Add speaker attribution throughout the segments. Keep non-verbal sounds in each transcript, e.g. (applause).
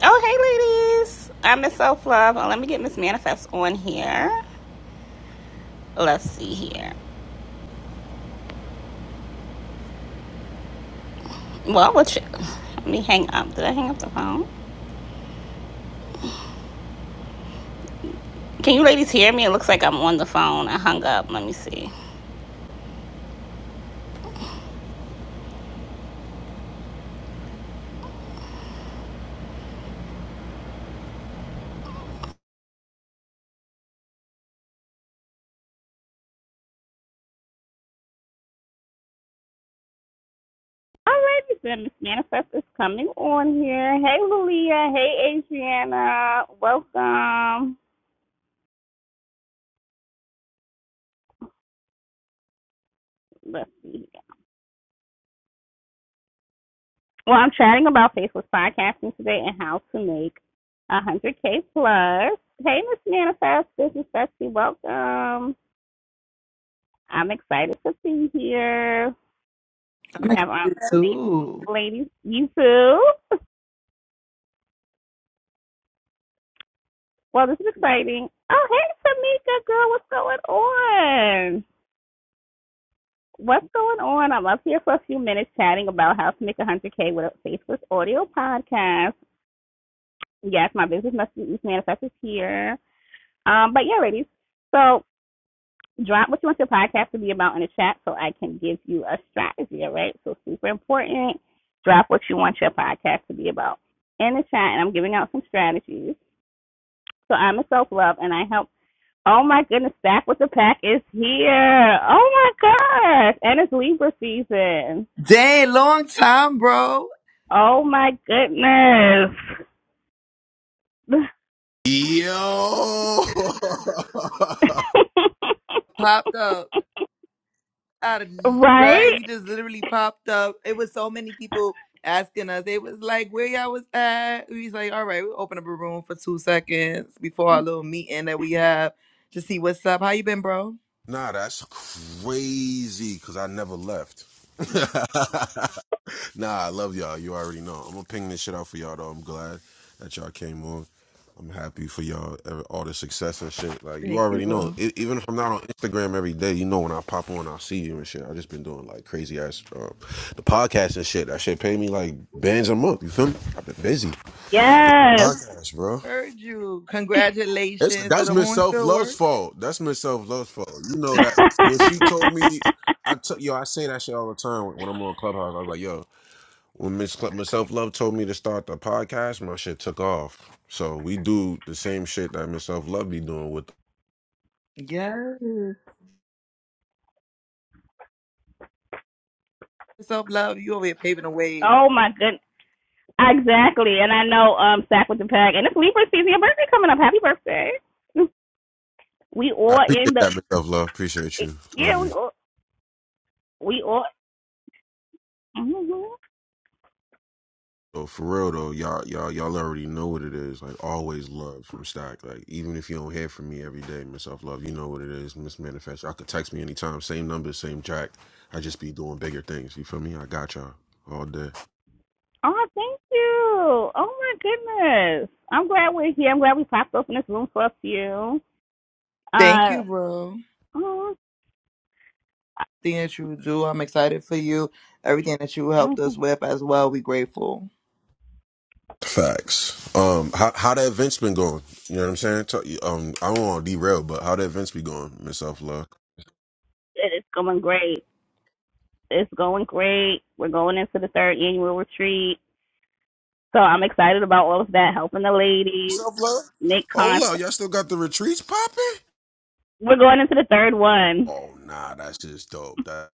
Speaker 1: Oh, hey, ladies. I'm Miss Self Love. Well, let me get Miss Manifest on here. Let's see here. Well, what you, let me hang up. Did I hang up the phone? Can you ladies hear me? It looks like I'm on the phone. I hung up. Let me see. All right, then, Miss Manifest is coming on here. Hey, Lulia. Hey, Adriana. Welcome. Let's see. here. Well, I'm chatting about faceless podcasting today and how to make 100K plus. Hey, Miss Manifest, Business Bestie, welcome. I'm excited to be here.
Speaker 2: I'm
Speaker 1: We have our
Speaker 2: excited
Speaker 1: nice
Speaker 2: too.
Speaker 1: ladies, you too. Well, this is exciting. Oh, hey, Tamika, girl, what's going on? What's going on? I'm up here for a few minutes chatting about how to make 100K with a faceless audio podcast. Yes, my business must be manifested here. Um, but yeah, ladies. So drop what you want your podcast to be about in the chat so I can give you a strategy, all right? So super important. Drop what you want your podcast to be about in the chat and I'm giving out some strategies. So I'm a self love and I help oh my goodness, back with the pack is here. Oh my gosh. And it's Libra season.
Speaker 2: Dang, long time, bro.
Speaker 1: Oh my goodness.
Speaker 3: Yo, (laughs)
Speaker 1: (laughs)
Speaker 2: Popped up out of right.
Speaker 1: right?
Speaker 2: We just literally popped up. It was so many people asking us. They was like, "Where y'all was at?" We was like, "All right, we'll open up a room for two seconds before our little meeting that we have to see what's up. How you been, bro?"
Speaker 3: nah, that's crazy because I never left. (laughs) nah, I love y'all. You already know. I'm gonna ping this shit out for y'all though. I'm glad that y'all came on. I'm happy for y'all, all the success and shit. Like you
Speaker 2: Thank you,
Speaker 3: already know.
Speaker 2: bro.
Speaker 3: E- even if I'm not on Instagram every day, you know when I pop on, I see you and shit. I just been doing like crazy ass um, the podcast and shit. That shit pay me like bands a month. You feel me? I've been busy.
Speaker 1: Yes.
Speaker 3: Podcast, bro.
Speaker 2: Heard you.
Speaker 3: It's
Speaker 2: Congratulations to
Speaker 3: that's
Speaker 2: the
Speaker 3: Miss Self
Speaker 2: Hornfield
Speaker 3: Love's
Speaker 2: work.
Speaker 3: fault. That's Miss Self Love's fault. You
Speaker 1: (laughs)
Speaker 3: know that when she told me, I took yo, I say that shit all the time when, when I'm on Clubhouse. I was like, yo, when Miss Cl- Miss Self Love told me to start the podcast, my shit took off. So we do the same shit that Miss Self Love be doing with.
Speaker 2: Yes. Self love. You over here paving the way.
Speaker 1: oh my goodness. Exactly. And I know um Sack with the Pack and it's Libra season. Your birthday coming up. Happy birthday. (laughs) We
Speaker 3: I
Speaker 1: all in
Speaker 3: appreciate
Speaker 1: the
Speaker 3: that, Miss Self Love. Appreciate you. Love
Speaker 1: yeah,
Speaker 3: you.
Speaker 1: we all we all hmm
Speaker 3: So for real though, y'all y'all y'all already know what it is. Like always love from Stock. Like even if you don't hear from me every day, Miss Self Love, you know what it is, Miss Manifest. Y'all could text me anytime, same number, same track. I just be doing bigger things. You feel me? I got y'all all day.
Speaker 1: Oh, thank you. Oh my goodness. I'm glad we're here. I'm glad we popped open this room for a few.
Speaker 2: Thank you,
Speaker 1: Uh
Speaker 2: bro.
Speaker 1: oh,
Speaker 2: Thing that you do. I'm excited for you. Everything that you helped us
Speaker 1: mhm.
Speaker 2: with as well. We grateful.
Speaker 3: Facts. Um, how how the events been going? You know what I'm saying? Tell- Um, I don't want to derail, but how the events be going, Miss Self Love?
Speaker 1: it's going great. It's going great. We're going into the third annual retreat. So I'm excited about all of that, helping the ladies,
Speaker 3: Self Love.
Speaker 1: make
Speaker 3: Hold up,
Speaker 1: content.
Speaker 3: y'all still got the retreats popping?
Speaker 1: We're going into the third one.
Speaker 3: Oh nah, that's just dope. That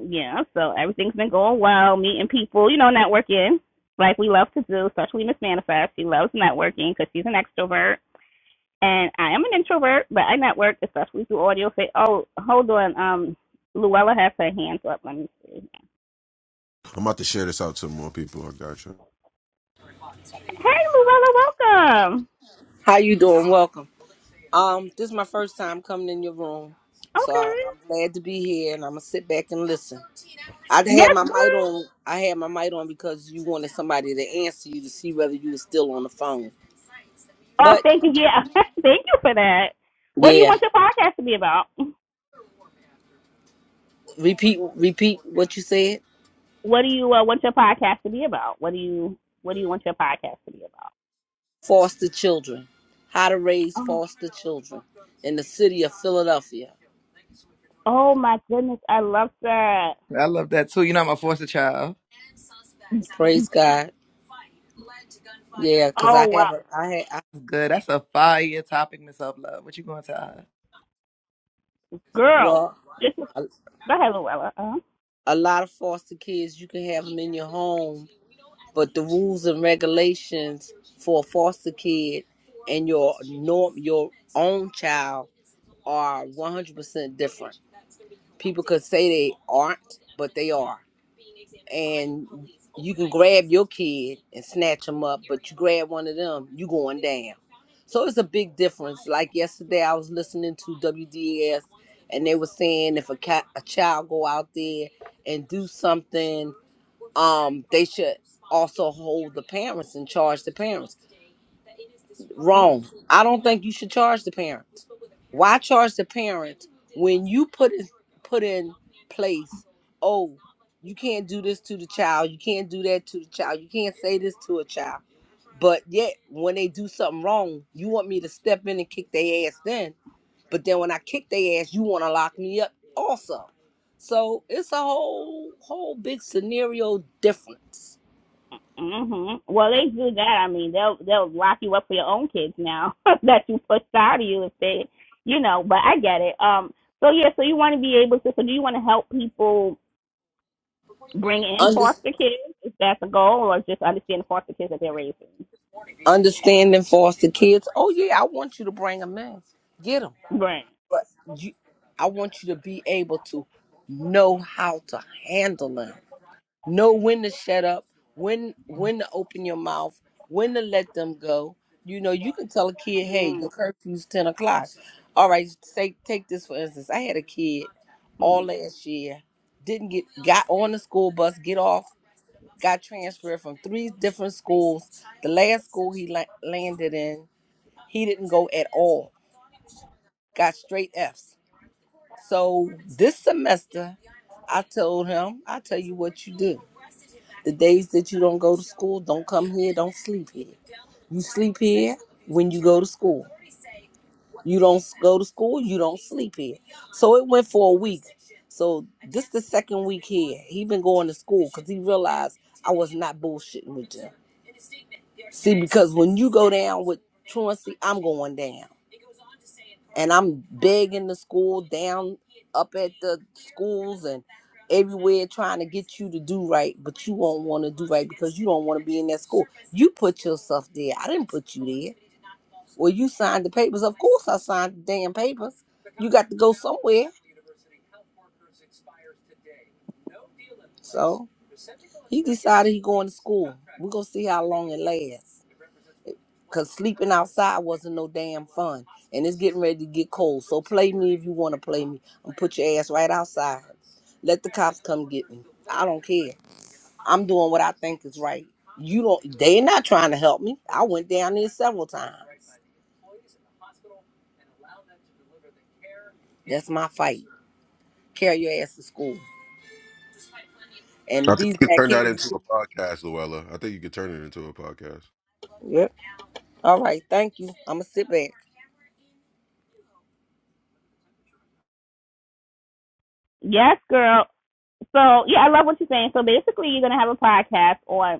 Speaker 1: yeah, so everything's been going well, meeting people, you know, networking like we love to do, especially Miss Manifest. She loves networking because she's an extrovert. And I am an introvert, but I network, especially through audio. Say, oh, hold on. Um, Luella has her hands up. Let me see.
Speaker 3: I'm about to share this out to more people. I got you.
Speaker 1: Hey, Luella, welcome.
Speaker 4: How you doing? Welcome. Um, this is my first time coming in your room, so I,
Speaker 1: Okay.
Speaker 4: I'm glad to be here, and I'm gonna sit back and listen. I had
Speaker 1: Yes,
Speaker 4: my mic
Speaker 1: girl.
Speaker 4: on. I had my mic on because you wanted somebody to answer you to see whether you were still on the phone.
Speaker 1: Oh,
Speaker 4: But
Speaker 1: thank you. Yeah, (laughs) thank you for that. What do you
Speaker 4: yeah,
Speaker 1: want your podcast to be about?
Speaker 4: repeat, repeat what you said.
Speaker 1: What do you uh, want your podcast to be about? What do you What do you want your podcast to be about?
Speaker 4: Foster children. How to raise
Speaker 1: Oh,
Speaker 4: foster children in the city of Philadelphia.
Speaker 1: Oh my goodness, I love that.
Speaker 2: I love that too. You know I'm a foster child.
Speaker 4: Praise God. Yeah, cause
Speaker 1: Oh
Speaker 4: I
Speaker 1: wow,
Speaker 4: have a. I had. I,
Speaker 2: Good. That's a fire topic, Miss Up Love. What you gonna tell her?
Speaker 1: girl,
Speaker 4: well,
Speaker 1: this is
Speaker 4: a,
Speaker 1: go ahead, Luella. Uh
Speaker 4: a lot of foster kids. You can have them in your home but the rules and regulations for a foster kid and your norm your own child are 100% different people could say they aren't but they are and you can grab your kid and snatch them up but you grab one of them you going down so it's a big difference like yesterday i was listening to wds and they were saying if a, cat, a child go out there and do something um they should also hold the parents and charge the parents
Speaker 1: huh.
Speaker 4: wrong i don't think you should charge the parents why charge the parents when you put in put in place oh you can't do this to the child you can't do that to the child you can't say this to a child but yet when they do something wrong you want me to step in and kick their ass then but then when i kick their ass you want to lock me up also so it's a whole whole big scenario difference
Speaker 1: hmm Well, they do that. I mean, they'll they'll lock you up for your own kids now (laughs) that you pushed out of you if they, you know. But I get it. Um. So yeah, so you want to be able to. So do you want to help people bring in foster kids? Is that the goal, or just understand the foster kids that they're raising?
Speaker 4: understanding foster kids. Oh yeah, I want you to bring them in, get them.
Speaker 1: Right.
Speaker 4: But you, I want you to be able to know how to handle them, know when to shut up, when when to open your mouth, when to let them go. You know, you can tell a kid, hey, the curfew's ten o'clock. All right, say take this for instance. I had a kid all
Speaker 1: Mm-hmm.
Speaker 4: last year, didn't get got on the school bus, get off got transferred from three different schools. The last school he la- landed in, he didn't go at all. Got straight Fs. So this semester, I told him, I tell you what you do. The days that you don't go to school, don't come here, don't sleep here. You sleep here when you go to school. You don't go to school, you don't sleep here. So it went for a week. So this the second week here. He been going to school because he realized I was not bullshitting with him. See, because when you go down with truancy, I'm going down. And I'm big in the school, down up at the schools and everywhere trying to get you to do right, but you won't want to do right because you don't want to be in that school. You put yourself there. I didn't put you there. Well, you signed the papers. Of course I signed the damn papers. You got to go somewhere. So he decided he going to school. We're gonna see how long it lasts. Cause sleeping outside wasn't no damn fun. And it's getting ready to get cold. So play me if you wanna play me. I'm put your ass right outside. Let the cops come get me. I don't care. I'm doing what I think is right. You don't they're not trying to help me. I went down there several times. That's my fight. Carry your ass to school.
Speaker 3: I
Speaker 4: And
Speaker 3: think
Speaker 4: these
Speaker 3: you could
Speaker 4: black
Speaker 3: turn that
Speaker 4: kids
Speaker 3: into a podcast, Luella. I think you could turn it into a podcast.
Speaker 4: Yep. All right, thank you. I'ma sit back.
Speaker 1: Yes, girl. So yeah, I love what you're saying. So basically, you're gonna have a podcast on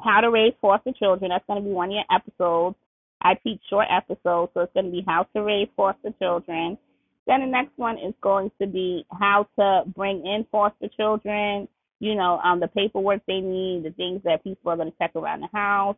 Speaker 1: How to Raise Foster Children. That's going to be one of your episodes. I teach short episodes, so it's going to be How to Raise Foster Children. Then the next one is going to be How to Bring in Foster Children. You know, um, the paperwork they need, the things that people are going to check around the house.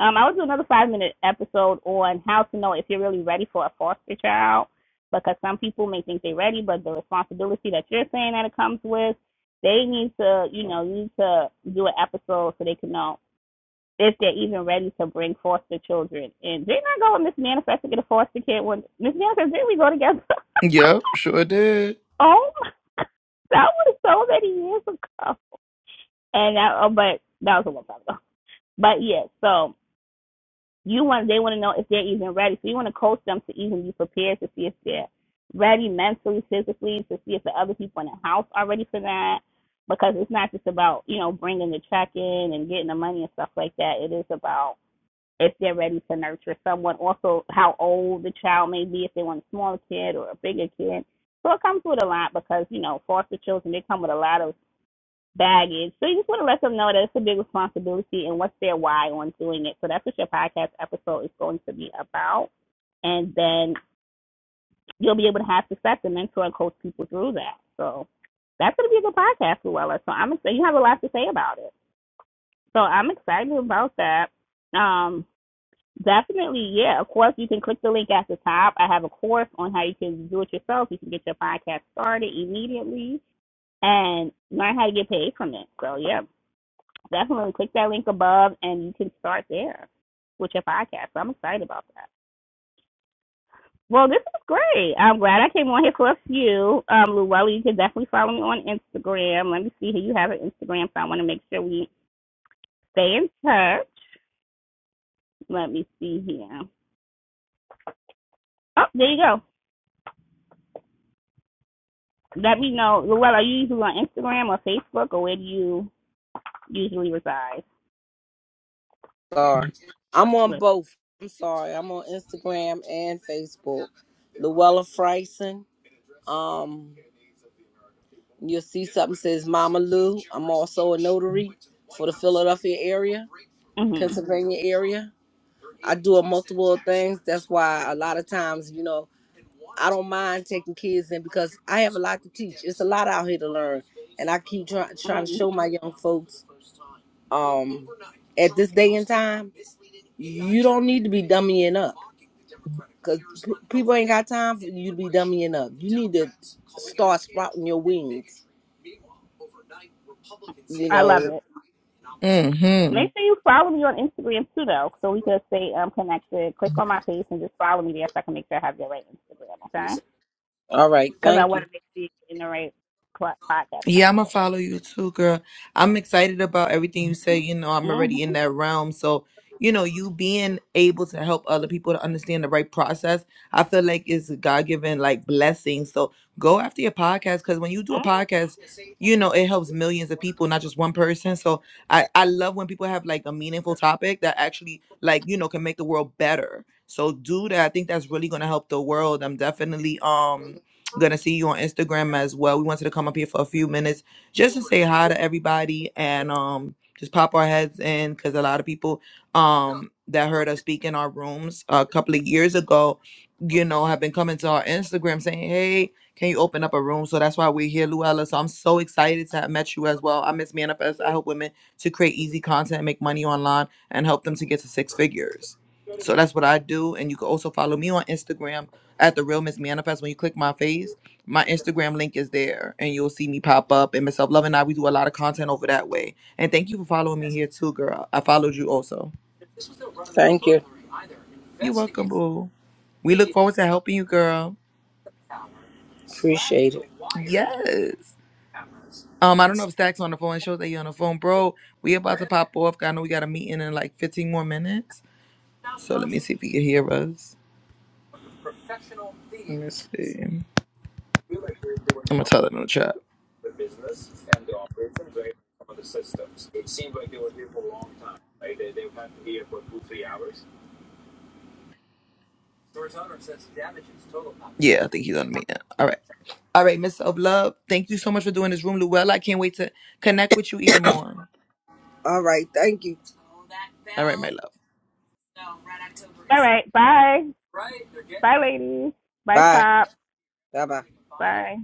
Speaker 1: Um, I will do another five minute episode on how to know if you're really ready for a foster child because some people may think they're ready, but the responsibility that you're saying that it comes with, they need to, you know, need to do an episode so they can know if they're even ready to bring foster children and Didn't I go with Miss Manifest to get a foster kid when Miss Manifest didn't we go together? (laughs)
Speaker 2: Yep, sure did.
Speaker 1: oh that was so many years ago. And that, oh, but that was a long time ago. But yeah, so you want they want to know if they're even ready. So you want to coach them to even be prepared to see if they're ready mentally, physically, to see if the other people in the house are ready for that. Because it's not just about you know bringing the check in and getting the money and stuff like that. It is about if they're ready to nurture someone, also how old the child may be, if they want a smaller kid or a bigger kid. So it comes with a lot because, you know, foster children, they come with a lot of baggage. So you just want to let them know that it's a big responsibility and what's their why on doing it. So that's what your podcast episode is going to be about. And then you'll be able to have success and mentor and coach people through that. So that's going to be a good podcast, Luella. So I'm excited. You have a lot to say about it. So I'm excited about that. Um, Definitely, yeah. Of course, you can click the link at the top. I have a course on how you can do it yourself. You can get your podcast started immediately and learn how to get paid from it. So, yeah, definitely click that link above and you can start there with your podcast. So I'm excited about that. Well, this is great. I'm glad I came on here for a few. Um, Luella, you can definitely follow me on Instagram. Let me see here. You have an Instagram, so I want to make sure we stay in touch. Let me see here. Oh, there you go. let me know. Luella, are you usually on Instagram or Facebook, or where do you usually reside?
Speaker 4: Sorry. I'm on
Speaker 1: With
Speaker 4: both. I'm sorry. I'm on Instagram and Facebook. Luella Friesen. Um You'll see something says Mama Lou. I'm also a notary for the Philadelphia area,
Speaker 1: mhm,
Speaker 4: Pennsylvania area. I do a multiple of things. That's why a lot of times, you know, I don't mind taking kids in because I have a lot to teach. It's a lot out here to learn, and I keep trying trying to
Speaker 1: mm,
Speaker 4: show my young folks. Um, at this day and time, you don't need to be dummying up. Cause people ain't got time for you to be dummying up. You need to start sprouting your wings. You
Speaker 1: I love
Speaker 4: know.
Speaker 1: it.
Speaker 2: hmm
Speaker 1: Make sure you follow me on Instagram too, though, so we can stay um connected. Click on my page and just follow me there, so I can make sure I have the right Instagram, okay?
Speaker 4: All right.
Speaker 1: Because I
Speaker 4: Thank you.
Speaker 1: want to make sure you are in the right podcast
Speaker 2: Yeah, I'm gonna
Speaker 1: episode.
Speaker 2: follow you too, girl. I'm excited about everything you say. You know, I'm
Speaker 1: Mhm.
Speaker 2: already in that realm. So, you know, you being able to help other people to understand the right process, I feel like it's a God given like blessing. So go after your podcast because when you do a
Speaker 1: Mm.
Speaker 2: podcast, you know, it helps millions of people, not just one person. So I, I love when people have like a meaningful topic that actually like, you know, can make the world better. So do that. I think that's really gonna help the world. I'm definitely um Gonna see you on Instagram as well. We wanted to come up here for a few minutes just to say hi to everybody and um just pop our heads in because a lot of people um that heard us speak in our rooms a couple of years ago, you know, have been coming to our Instagram saying, Hey, can you open up a room? So that's why we're here, Luella. So I'm so excited to have met you as well. I miss Manifest. I help women to create easy content, make money online, and help them to get to six figures. So that's what I do. And you can also follow me on Instagram at the Real Miss Manifest, when you click my face, my Instagram link is there, and you'll see me pop up. And Miss Self Love and I, we do a lot of content over that way. And thank you for following me here too, girl. I followed you also.
Speaker 4: Thank you.
Speaker 2: You're welcome, boo. We look forward to helping you, girl.
Speaker 4: Appreciate it.
Speaker 2: Yes. Um, I don't know if Stack's on the phone. It shows that you're on the phone, bro. We about to pop off. I know we got a meeting in like 15 more minutes. So let me see if he can hear us. Let me see. I'm gonna tell him in the chat. Yeah, I think he's on the meeting. All right. All right, Miss Of Love, thank you so much for doing this room, Luella. I can't wait to connect with you even more.
Speaker 4: All right. Thank you.
Speaker 2: All right, my love.
Speaker 1: All right. Bye. Bye, ladies. Bye,
Speaker 4: Bye.
Speaker 1: Pop.
Speaker 4: Bye. Bye.
Speaker 1: Bye.